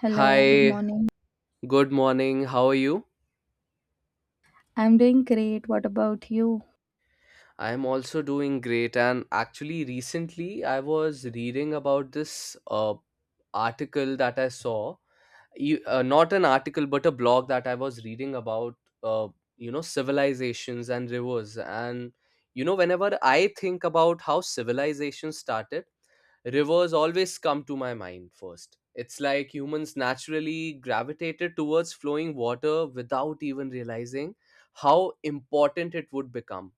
Hello, good Hi, morning. good morning. How are you? I'm doing great. What about you? I'm also doing great. And actually, recently I was reading about this article that I saw. Not an article, but a blog that I was reading about, uh, civilizations and rivers. And, whenever I think about how civilization started, rivers always come to my mind first. It's like humans naturally gravitated towards flowing water without even realizing how important it would become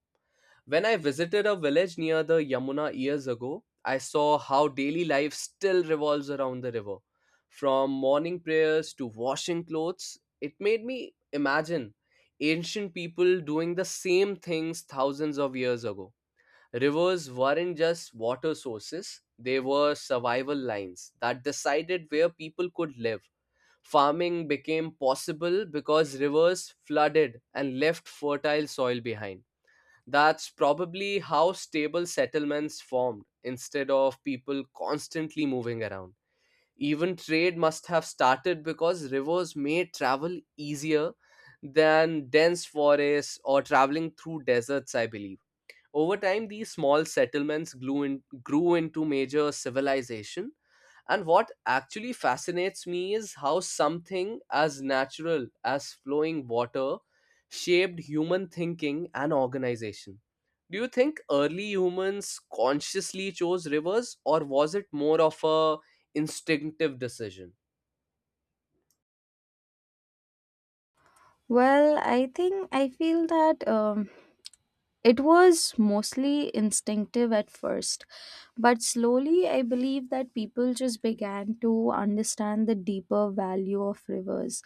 when I visited a village near the Yamuna years ago, I saw how daily life still revolves around the river. From morning prayers to washing clothes, it made me imagine ancient people doing the same things thousands of years ago. Rivers weren't just water sources, they were survival lines that decided where people could live. Farming became possible because rivers flooded and left fertile soil behind. That's probably how stable settlements formed instead of people constantly moving around. Even trade must have started because rivers made travel easier than dense forests or traveling through deserts, I believe. Over time, these small settlements grew into major civilization. And what actually fascinates me is how something as natural as flowing water shaped human thinking and organization. Do you think early humans consciously chose rivers, or was it more of a instinctive decision? Well, I think I feel that it was mostly instinctive at first, but slowly I believe that people just began to understand the deeper value of rivers.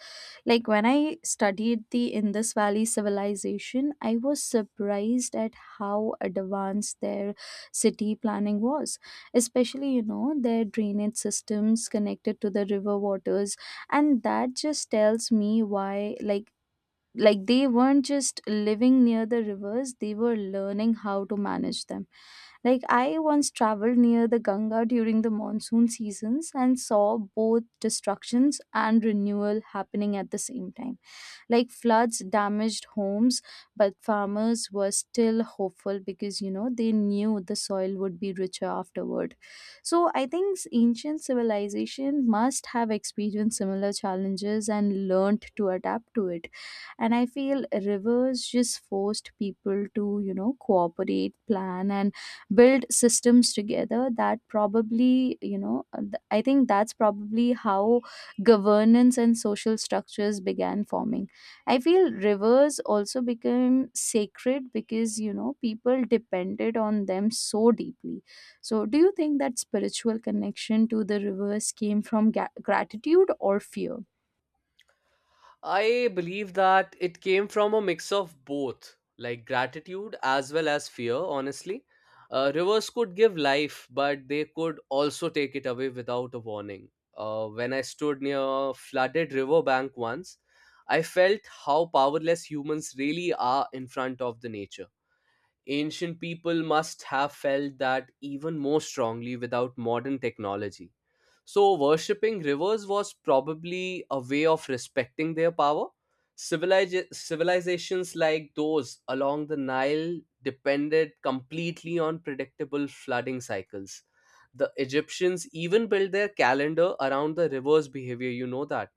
Like when I studied the Indus Valley civilization, I was surprised at how advanced their city planning was, especially, you know, their drainage systems connected to the river waters. And that just tells me why, like they weren't just living near the rivers, they were learning how to manage them. Like I once traveled near the Ganga during the monsoon seasons and saw both destructions and renewal happening at the same time. Like floods damaged homes, but farmers were still hopeful because, you know, they knew the soil would be richer afterward. So I think ancient civilization must have experienced similar challenges and learned to adapt to it. And I feel rivers just forced people to, you know, cooperate, plan, and build systems together. That probably, I think that's probably how governance and social structures began forming. I feel rivers also became sacred because, you know, people depended on them so deeply. So, do you think that spiritual connection to the rivers came from gratitude or fear? I believe that it came from a mix of both, like gratitude as well as fear, honestly. Rivers could give life, but they could also take it away without a warning. When I stood near a flooded riverbank once, I felt how powerless humans really are in front of the nature. Ancient people must have felt that even more strongly without modern technology, so worshipping rivers was probably a way of respecting their power. Civilizations like those along the Nile depended completely on predictable flooding cycles. The Egyptians even built their calendar around the river's behavior, you know that.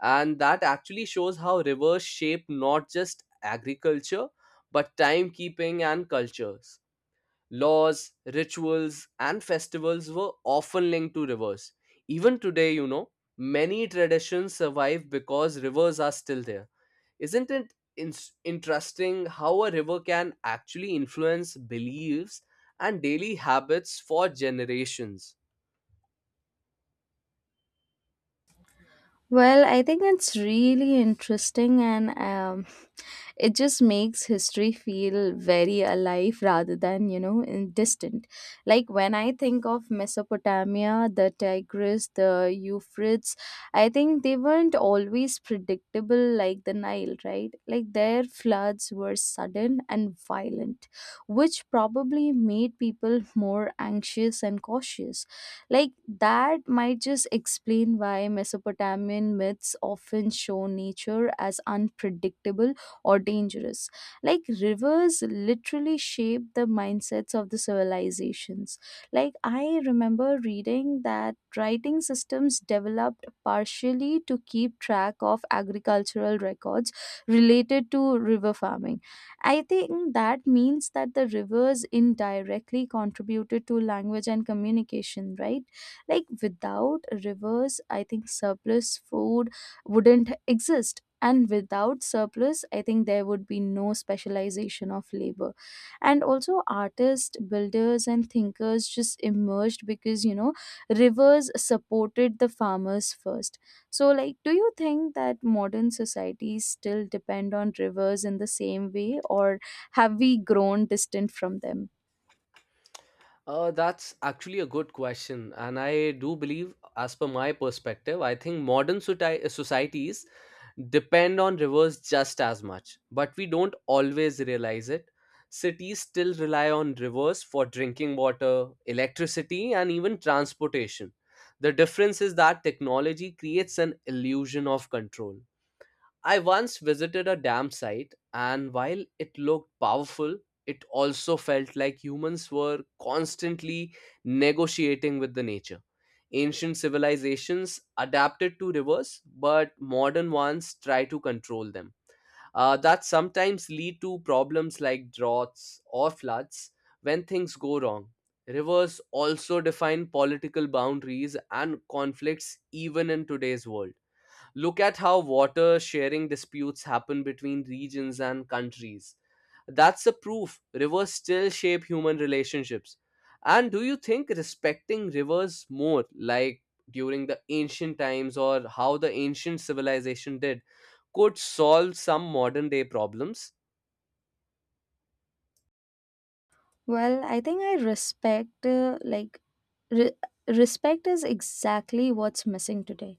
And that actually shows how rivers shape not just agriculture, but timekeeping and cultures. Laws, rituals, and festivals were often linked to rivers. Even today, many traditions survive because rivers are still there. Isn't it interesting how a river can actually influence beliefs and daily habits for generations? Well, I think it's really interesting, and it just makes history feel very alive rather than, you know, distant. Like when I think of Mesopotamia, the Tigris, the Euphrates, I think they weren't always predictable like the Nile, right? Like their floods were sudden and violent, which probably made people more anxious and cautious. Like that might just explain why Mesopotamian myths often show nature as unpredictable or dangerous. Like rivers literally shape the mindsets of the civilizations. Like I remember reading that writing systems developed partially to keep track of agricultural records related to river farming. I think that means that the rivers indirectly contributed to language and communication, right? Like without rivers, I think surplus food wouldn't exist, and without surplus I think there would be no specialization of labor. And also artists, builders, and thinkers just emerged because, you know, rivers supported the farmers first. So, like, do you think that modern societies still depend on rivers in the same way, or have we grown distant from them? That's actually a good question. And I do believe, as per my perspective, I think modern societies depend on rivers just as much, but we don't always realize it. Cities still rely on rivers for drinking water, electricity, and even transportation. The difference is that technology creates an illusion of control. I once visited a dam site, and while it looked powerful, it also felt like humans were constantly negotiating with the nature. Ancient civilizations adapted to rivers, but modern ones try to control them. That sometimes lead to problems like droughts or floods when things go wrong. Rivers also define political boundaries and conflicts even in today's world. Look at how water sharing disputes happen between regions and countries. That's the proof rivers still shape human relationships. And do you think respecting rivers more, like during the ancient times or how the ancient civilization did, could solve some modern day problems? Well, I think I respect, like, re- respect is exactly what's missing today.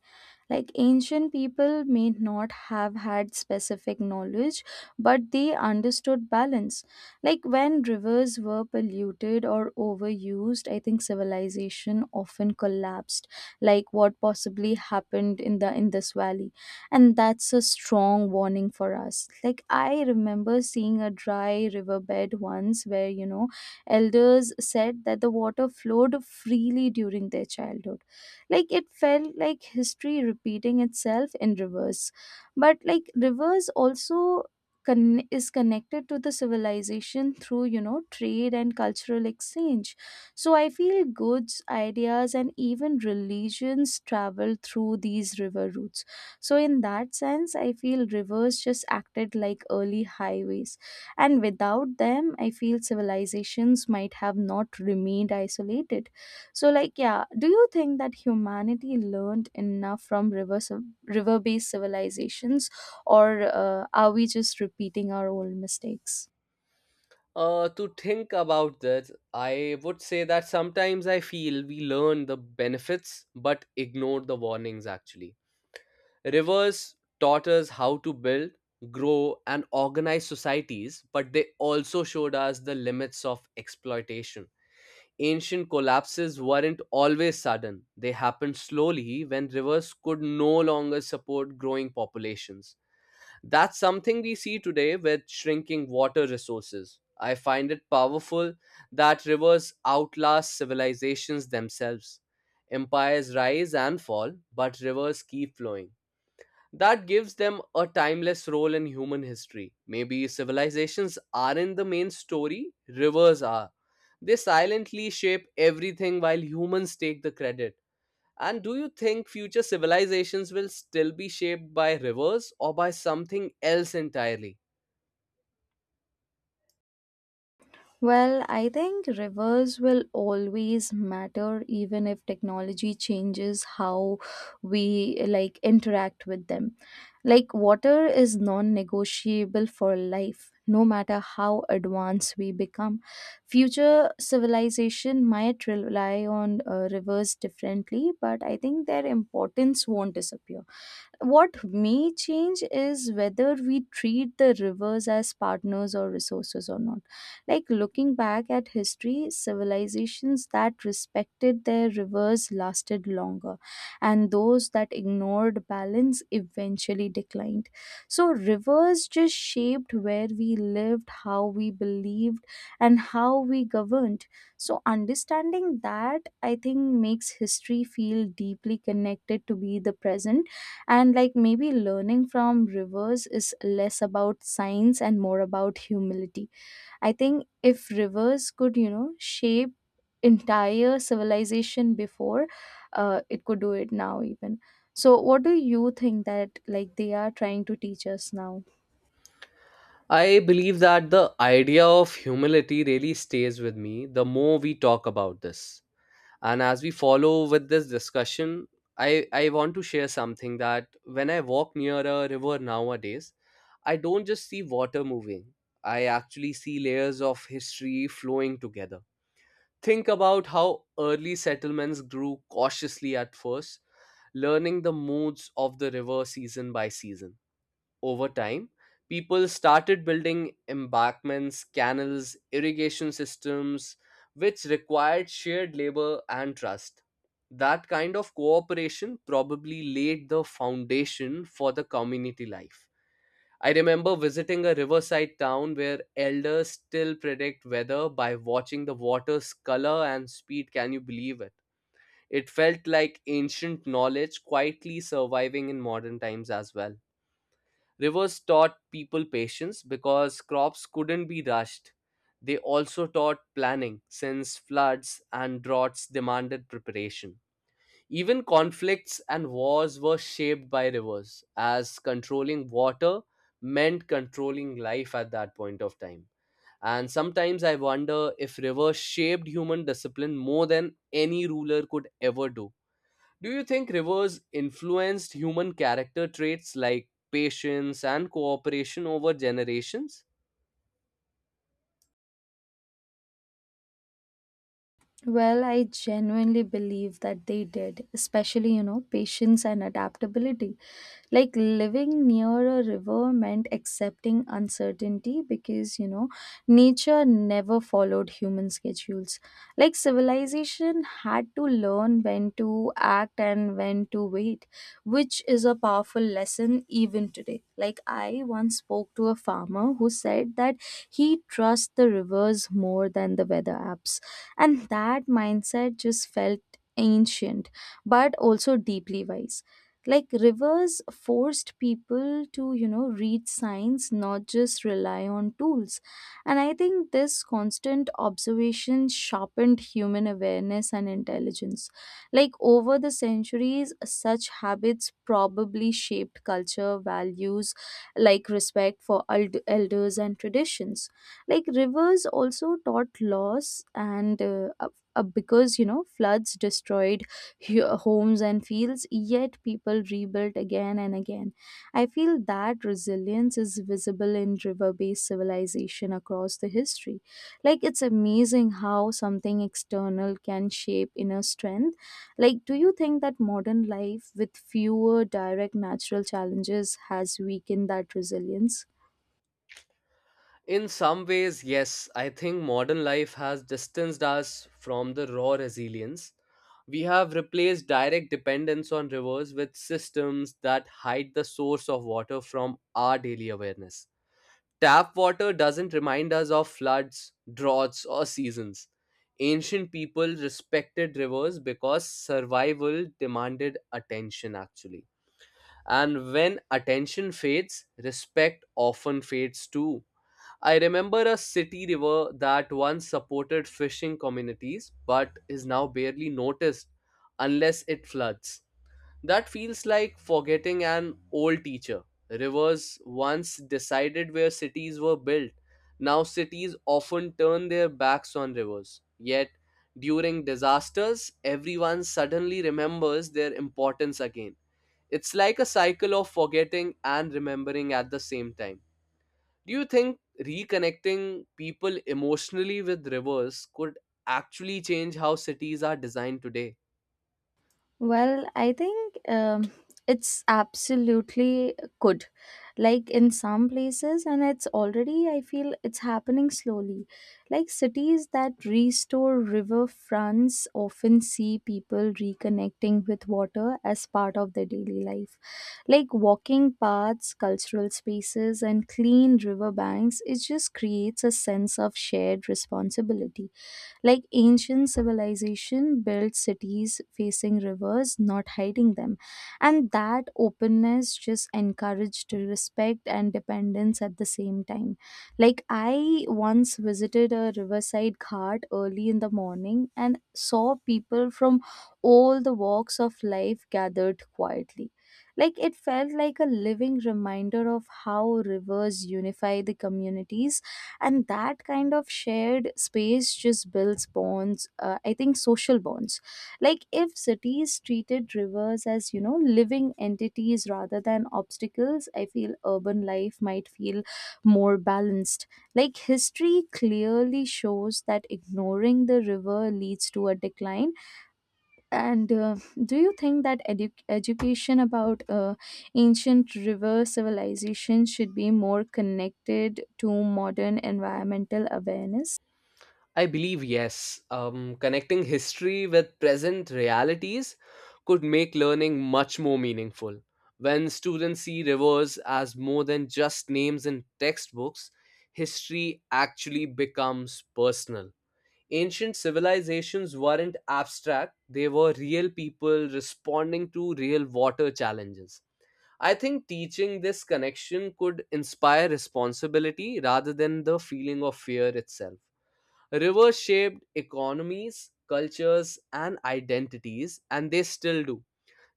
Like, ancient people may not have had specific knowledge, but they understood balance. Like, when rivers were polluted or overused, I think civilization often collapsed, like what possibly happened in the Indus Valley. And that's a strong warning for us. Like, I remember seeing a dry riverbed once where, you know, elders said that the water flowed freely during their childhood. Like it felt like history repeating itself in reverse. But like rivers also is connected to the civilization through, you know, trade and cultural exchange. So I feel goods, ideas, and even religions travel through these river routes. So, in that sense, I feel rivers just acted like early highways, and without them I feel civilizations might have not remained isolated. So, like, yeah, do you think that humanity learned enough from river based civilizations, or are we just repeating our old mistakes? To think about this, I would say that sometimes I feel we learn the benefits but ignore the warnings actually. Rivers taught us how to build, grow, and organize societies, but they also showed us the limits of exploitation. Ancient collapses weren't always sudden, they happened slowly when rivers could no longer support growing populations. That's something we see today with shrinking water resources. I find it powerful that rivers outlast civilizations themselves. Empires rise and fall, but rivers keep flowing. That gives them a timeless role in human history. Maybe civilizations aren't the main story, rivers are. They silently shape everything while humans take the credit. And do you think future civilizations will still be shaped by rivers or by something else entirely? Well, I think rivers will always matter, even if technology changes how we like interact with them. Like water is non-negotiable for life, no matter how advanced we become. Future civilization might rely on rivers differently, but I think their importance won't disappear. What may change is whether we treat the rivers as partners or resources or not. Like looking back at history, civilizations that respected their rivers lasted longer, and those that ignored balance eventually declined. So, rivers just shaped where we lived, how we believed, and how we governed. So, understanding that, I think, makes history feel deeply connected to be the present. And like maybe learning from rivers is less about science and more about humility. I think if rivers could, you know, shape entire civilization before, it could do it now even. So what do you think that like they are trying to teach us now? I believe that the idea of humility really stays with me the more we talk about this. And as we follow with this discussion, I want to share something that when I walk near a river nowadays, I don't just see water moving, I actually see layers of history flowing together. Think about how early settlements grew cautiously at first, learning the moods of the river season by season. Over time, people started building embankments, canals, irrigation systems, which required shared labor and trust. That kind of cooperation probably laid the foundation for the community life. I remember visiting a riverside town where elders still predict weather by watching the water's color and speed. Can you believe it? It felt like ancient knowledge quietly surviving in modern times as well. Rivers taught people patience because crops couldn't be rushed. They also taught planning, since floods and droughts demanded preparation. Even conflicts and wars were shaped by rivers, as controlling water meant controlling life at that point of time. And sometimes I wonder if rivers shaped human discipline more than any ruler could ever do. Do you think rivers influenced human character traits like patience and cooperation over generations? Well, I genuinely believe that they did, especially, you know, patience and adaptability. Like living near a river meant accepting uncertainty because, you know, nature never followed human schedules. Like civilization had to learn when to act and when to wait, which is a powerful lesson even today. Like I once spoke to a farmer who said that he trusts the rivers more than the weather apps, and that mindset just felt ancient but also deeply wise. Like rivers forced people to, you know, read signs, not just rely on tools. And I think this constant observation sharpened human awareness and intelligence. Like over the centuries such habits probably shaped culture values like respect for elders and traditions. Like rivers also taught loss and because, you know, floods destroyed homes and fields, yet people rebuilt again and again. I feel that resilience is visible in river based civilization across the history. Like it's amazing how something external can shape inner strength. Like do you think that modern life with fewer direct natural challenges has weakened that resilience? In some ways, yes, I think modern life has distanced us from the raw resilience. We have replaced direct dependence on rivers with systems that hide the source of water from our daily awareness. Tap water doesn't remind us of floods, droughts, or seasons. Ancient people respected rivers because survival demanded attention, actually. And when attention fades, respect often fades too. I remember a city river that once supported fishing communities but is now barely noticed unless it floods. That feels like forgetting an old teacher. Rivers once decided where cities were built. Now cities often turn their backs on rivers. Yet, during disasters, everyone suddenly remembers their importance again. It's like a cycle of forgetting and remembering at the same time. Do you think reconnecting people emotionally with rivers could actually change how cities are designed today? Well, I think it's absolutely good. Like in some places, and it's already, I feel it's happening slowly. Like cities that restore river fronts often see people reconnecting with water as part of their daily life. Like walking paths, cultural spaces, and clean riverbanks, it just creates a sense of shared responsibility. Like ancient civilization built cities facing rivers, not hiding them. And that openness just encouraged respect and dependence at the same time. Like I once visited a riverside ghat early in the morning and saw people from all the walks of life gathered quietly. Like it felt like a living reminder of how rivers unify the communities. And that kind of shared space just builds bonds, I think social bonds. Like if cities treated rivers as, you know, living entities rather than obstacles, I feel urban life might feel more balanced. Like history clearly shows that ignoring the river leads to a decline. And do you think that education about, ancient river civilization should be more connected to modern environmental awareness? I believe yes. Connecting history with present realities could make learning much more meaningful. When students see rivers as more than just names in textbooks, history actually becomes personal. Ancient civilizations weren't abstract, they were real people responding to real water challenges. I think teaching this connection could inspire responsibility rather than the feeling of fear itself. Rivers shaped economies, cultures, and identities, and they still do,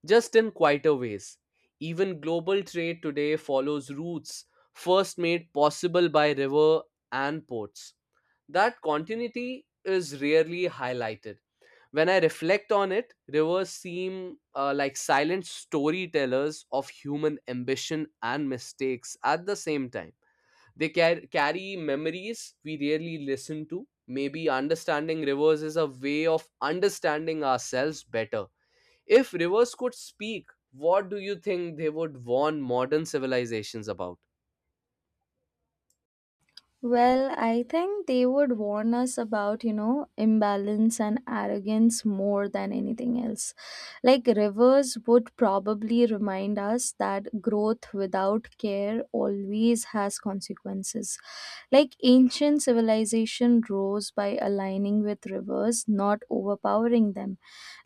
just in quieter ways. Even global trade today follows routes first made possible by river and ports. That continuity is rarely highlighted. When I reflect on it, rivers seem like silent storytellers of human ambition and mistakes at the same time. They carry memories we rarely listen to. Maybe understanding rivers is a way of understanding ourselves better. If rivers could speak, what do you think they would warn modern civilizations about? Well, I think they would warn us about, you know, imbalance and arrogance more than anything else. Like rivers would probably remind us that growth without care always has consequences. Like ancient civilization rose by aligning with rivers, not overpowering them.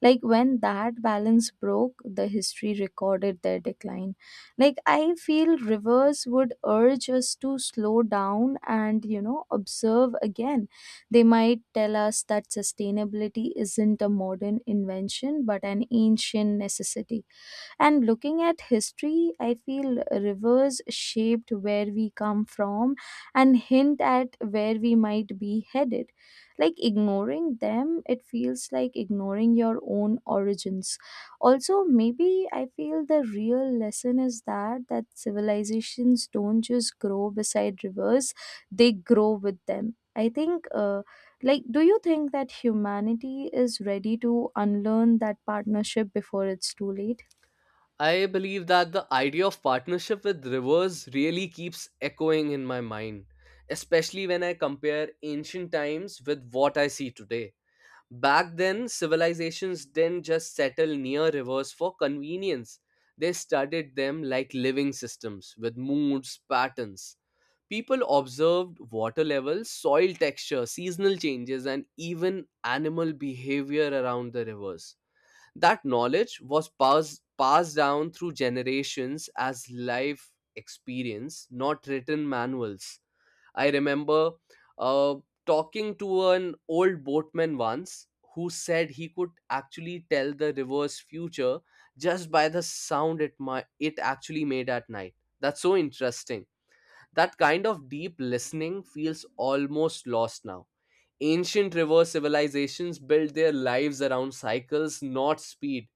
Like when that balance broke, the history recorded their decline. Like I feel rivers would urge us to slow down and, you know, observe again. They might tell us that sustainability isn't a modern invention but an ancient necessity. And looking at history, I feel rivers shaped where we come from and hint at where we might be headed. Like ignoring them, it feels like ignoring your own origins. Also maybe I feel the real lesson is that civilizations don't just grow beside rivers, they grow with them. I think like do you think that humanity is ready to unlearn that partnership before it's too late? I believe that the idea of partnership with rivers really keeps echoing in my mind, especially when I compare ancient times with what I see today. Back then, civilizations didn't just settle near rivers for convenience. They studied them like living systems with moods, patterns. People observed water levels, soil texture, seasonal changes, and even animal behavior around the rivers. That knowledge was passed down through generations as life experience, not written manuals. I remember uh, talking to an old boatman once who said he could actually tell the river's future just by the sound it my it actually made at night. That's so interesting. That kind of deep listening feels almost lost now. Ancient river civilizations built their lives around cycles, not speed.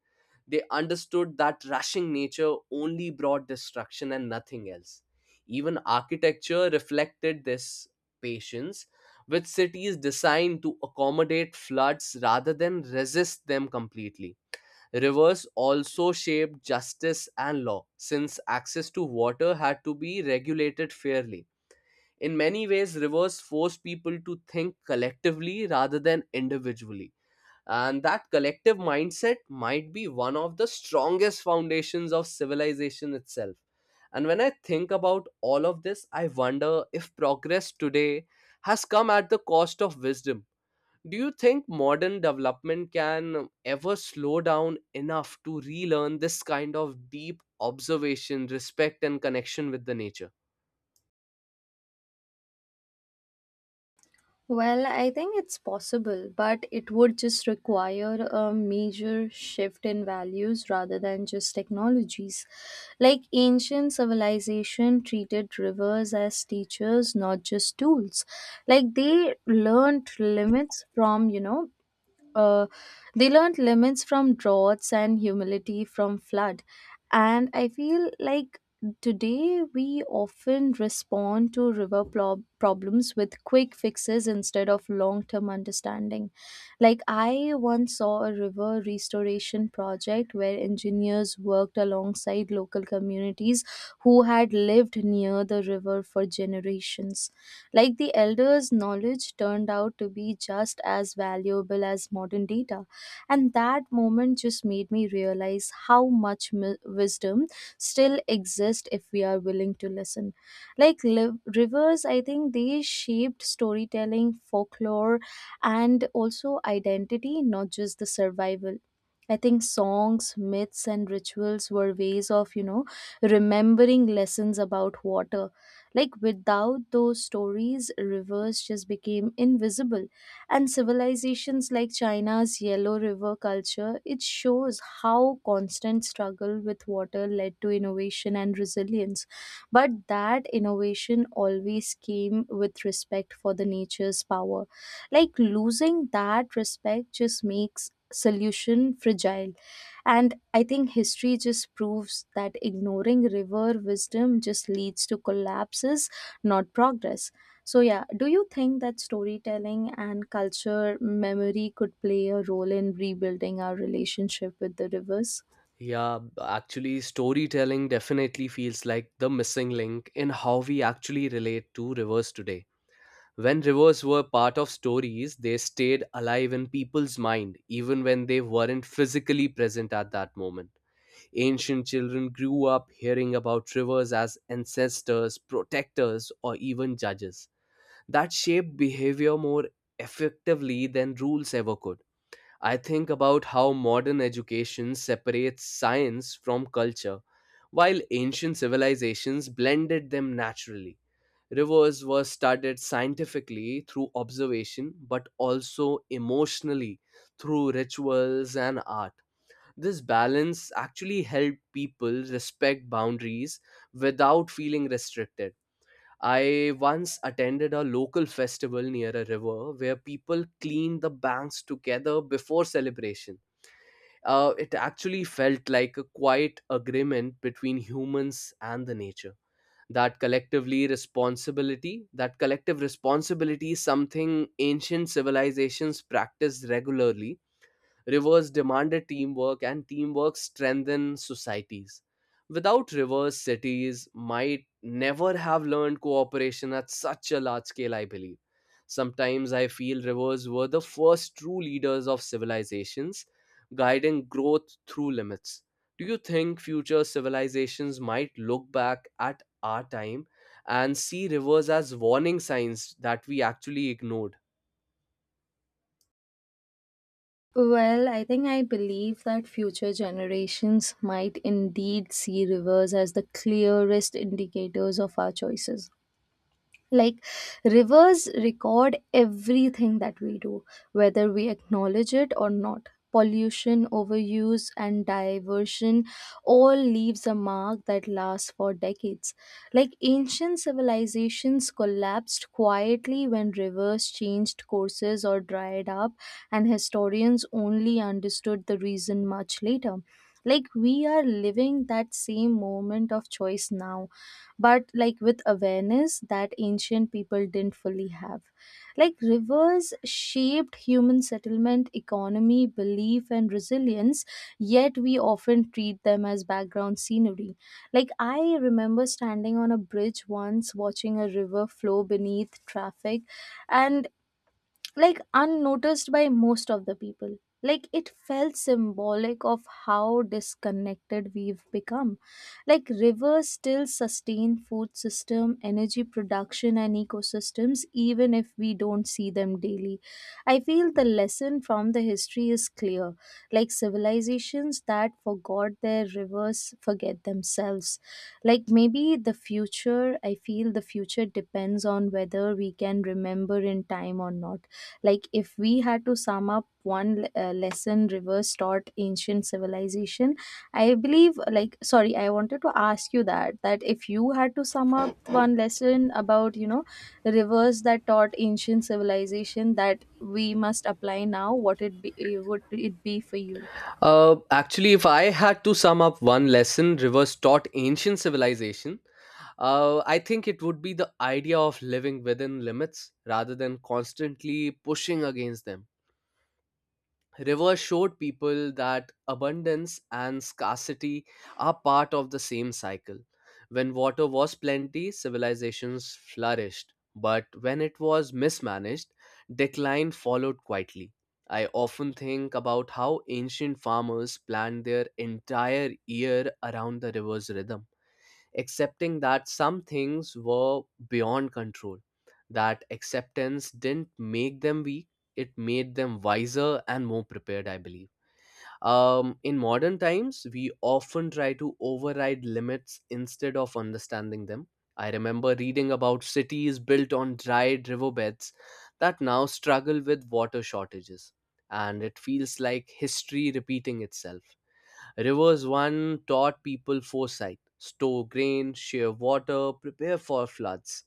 They understood that rushing nature only brought destruction and nothing else. Even architecture reflected this patience, with cities designed to accommodate floods rather than resist them completely. Rivers also shaped justice and law, since access to water had to be regulated fairly. In many ways, rivers forced people to think collectively rather than individually, and that collective mindset might be one of the strongest foundations of civilization itself. And when I think about all of this, I wonder if progress today has come at the cost of wisdom. Do you think modern development can ever slow down enough to relearn this kind of deep observation, respect, and connection with the nature? Well, I think it's possible, but it would just require a major shift in values rather than just technologies. Like ancient civilization treated rivers as teachers, not just tools. Like they learned limits from, uh, they learned limits from droughts and humility from flood. And I feel like today we often respond to river problems with quick fixes instead of long term understanding. Like, I once saw a river restoration project where engineers worked alongside local communities who had lived near the river for generations. Like the elders' knowledge turned out to be just as valuable as modern data. And that moment just made me realize how much wisdom still exists if we are willing to listen. Like rivers, I think they shaped storytelling, folklore, and also identity, not just the survival. I think songs, myths, and rituals were ways of, you know, remembering lessons about water. Like without those stories, rivers just became invisible. And civilizations like China's Yellow River culture, it shows how constant struggle with water led to innovation and resilience. But that innovation always came with respect for the nature's power. Like losing that respect just makes solution fragile. And I think history just proves that ignoring river wisdom just leads to collapses, not progress. So, yeah, do you think that storytelling and culture memory could play a role in rebuilding our relationship with the rivers? Yeah, actually, storytelling definitely feels like the missing link in how we actually relate to rivers today. When rivers were part of stories, they stayed alive in people's mind, even when they weren't physically present at that moment. Ancient children grew up hearing about rivers as ancestors, protectors, or even judges. That shaped behavior more effectively than rules ever could. I think about how modern education separates science from culture, while ancient civilizations blended them naturally. Rivers were studied scientifically through observation, but also emotionally through rituals and art. This balance actually helped people respect boundaries without feeling restricted. I once attended a local festival near a river where people cleaned the banks together before celebration. It actually felt like a quiet agreement between humans and the nature. That collectively responsibility that collective responsibility is something ancient civilizations practiced regularly. Rivers demanded teamwork, and teamwork strengthened societies. Without rivers, cities might never have learned cooperation at such a large scale, I believe. Sometimes I feel rivers were the first true leaders of civilizations, guiding growth through limits. Do you think future civilizations might look back at our time and see rivers as warning signs that we actually ignored? Well, I think I believe that future generations might indeed see rivers as the clearest indicators of our choices. Like rivers record everything that we do, whether we acknowledge it or not. Pollution, overuse, and diversion all leaves a mark that lasts for decades. Like ancient civilizations collapsed quietly when rivers changed courses or dried up, and historians only understood the reason much later. Like we are living that same moment of choice now, but like with awareness that ancient people didn't fully have. Like rivers shaped human settlement, economy, belief, and resilience, yet we often treat them as background scenery. Like I remember standing on a bridge once watching a river flow beneath traffic and like unnoticed by most of the people. Like it felt symbolic of how disconnected we've become. Like rivers still sustain food system, energy production, and ecosystems, even if we don't see them daily. I feel the lesson from the history is clear. Like civilizations that forgot their rivers forget themselves. Like maybe the future, I feel the future depends on whether we can remember in time or not. Like if we had to sum up one lesson rivers taught ancient civilization, I believe, like, sorry, I wanted to ask you that if you had to sum up one lesson about, you know, rivers that taught ancient civilization that we must apply now, what it be, would it be for you? Actually, if I had to sum up one lesson rivers taught ancient civilization, I think it would be the idea of living within limits rather than constantly pushing against them. Rivers showed people that abundance and scarcity are part of the same cycle. When water was plenty, civilizations flourished, but when it was mismanaged, decline followed quietly. I often think about how ancient farmers planned their entire year around the river's rhythm, accepting that some things were beyond control. That acceptance didn't make them weak, it made them wiser and more prepared, I believe. In modern times, we often try to override limits instead of understanding them. I remember reading about cities built on dried riverbeds that now struggle with water shortages, and it feels like history repeating itself. Rivers one taught people foresight, store grain, share water, prepare for floods.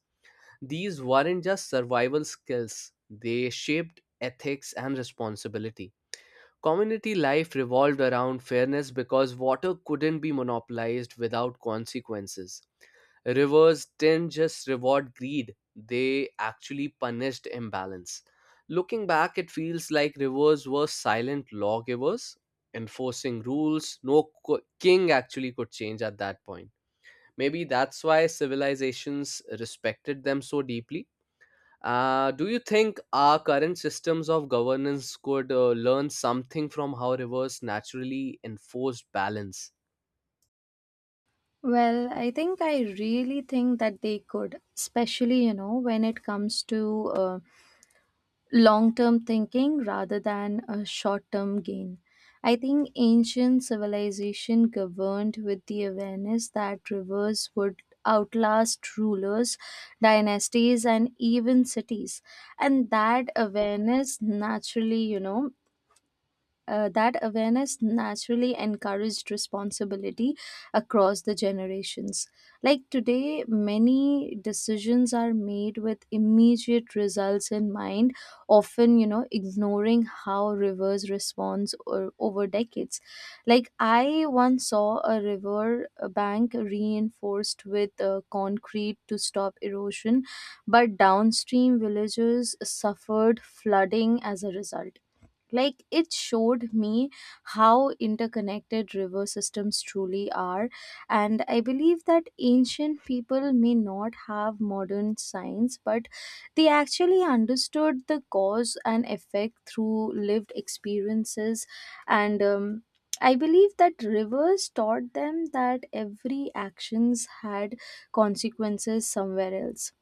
These weren't just survival skills, they shaped ethics and responsibility. Community life revolved around fairness because water couldn't be monopolized without consequences. Rivers didn't just reward greed, they actually punished imbalance. Looking back, it feels like rivers were silent lawgivers, enforcing rules no king actually could change at that point. Maybe that's why civilizations respected them so deeply. Do you think our current systems of governance could learn something from how rivers naturally enforced balance? Well, I think I really think that they could, especially, you know, when it comes to long term thinking rather than a short term gain. I think ancient civilization governed with the awareness that rivers would outlast rulers, dynasties, and even cities. And that awareness naturally, that awareness naturally encouraged responsibility across the generations. Like today, many decisions are made with immediate results in mind, often, you know, ignoring how rivers responds or, over decades. Like I once saw a river bank reinforced with concrete to stop erosion, but downstream villagers suffered flooding as a result. Like it showed me how interconnected river systems truly are. And I believe that ancient people may not have modern science, but they actually understood the cause and effect through lived experiences. And I believe that rivers taught them that every actions had consequences somewhere else.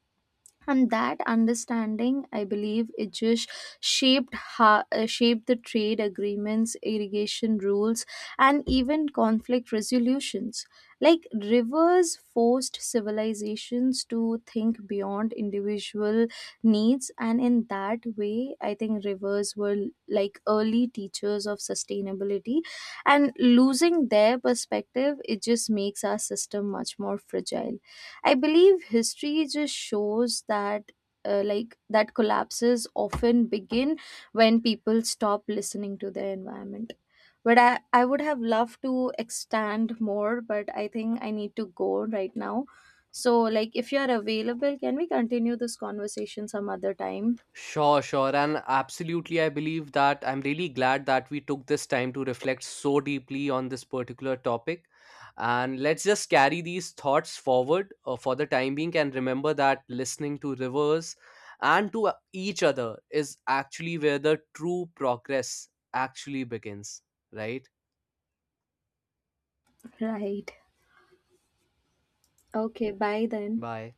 And that understanding, I believe, it just shaped the trade agreements, irrigation rules, and even conflict resolutions. Like rivers forced civilizations to think beyond individual needs. And in that way, I think rivers were like early teachers of sustainability, and losing their perspective, it just makes our system much more fragile. I believe history just shows that, like, that collapses often begin when people stop listening to their environment. But I would have loved to extend more, but I think I need to go right now. So like if you are available, can we continue this conversation some other time? Sure, sure. And absolutely, I believe that I'm really glad that we took this time to reflect so deeply on this particular topic. And let's just carry these thoughts forward for the time being and remember that listening to rivers and to each other is actually where the true progress actually begins, right? Right. Okay, bye then. Bye.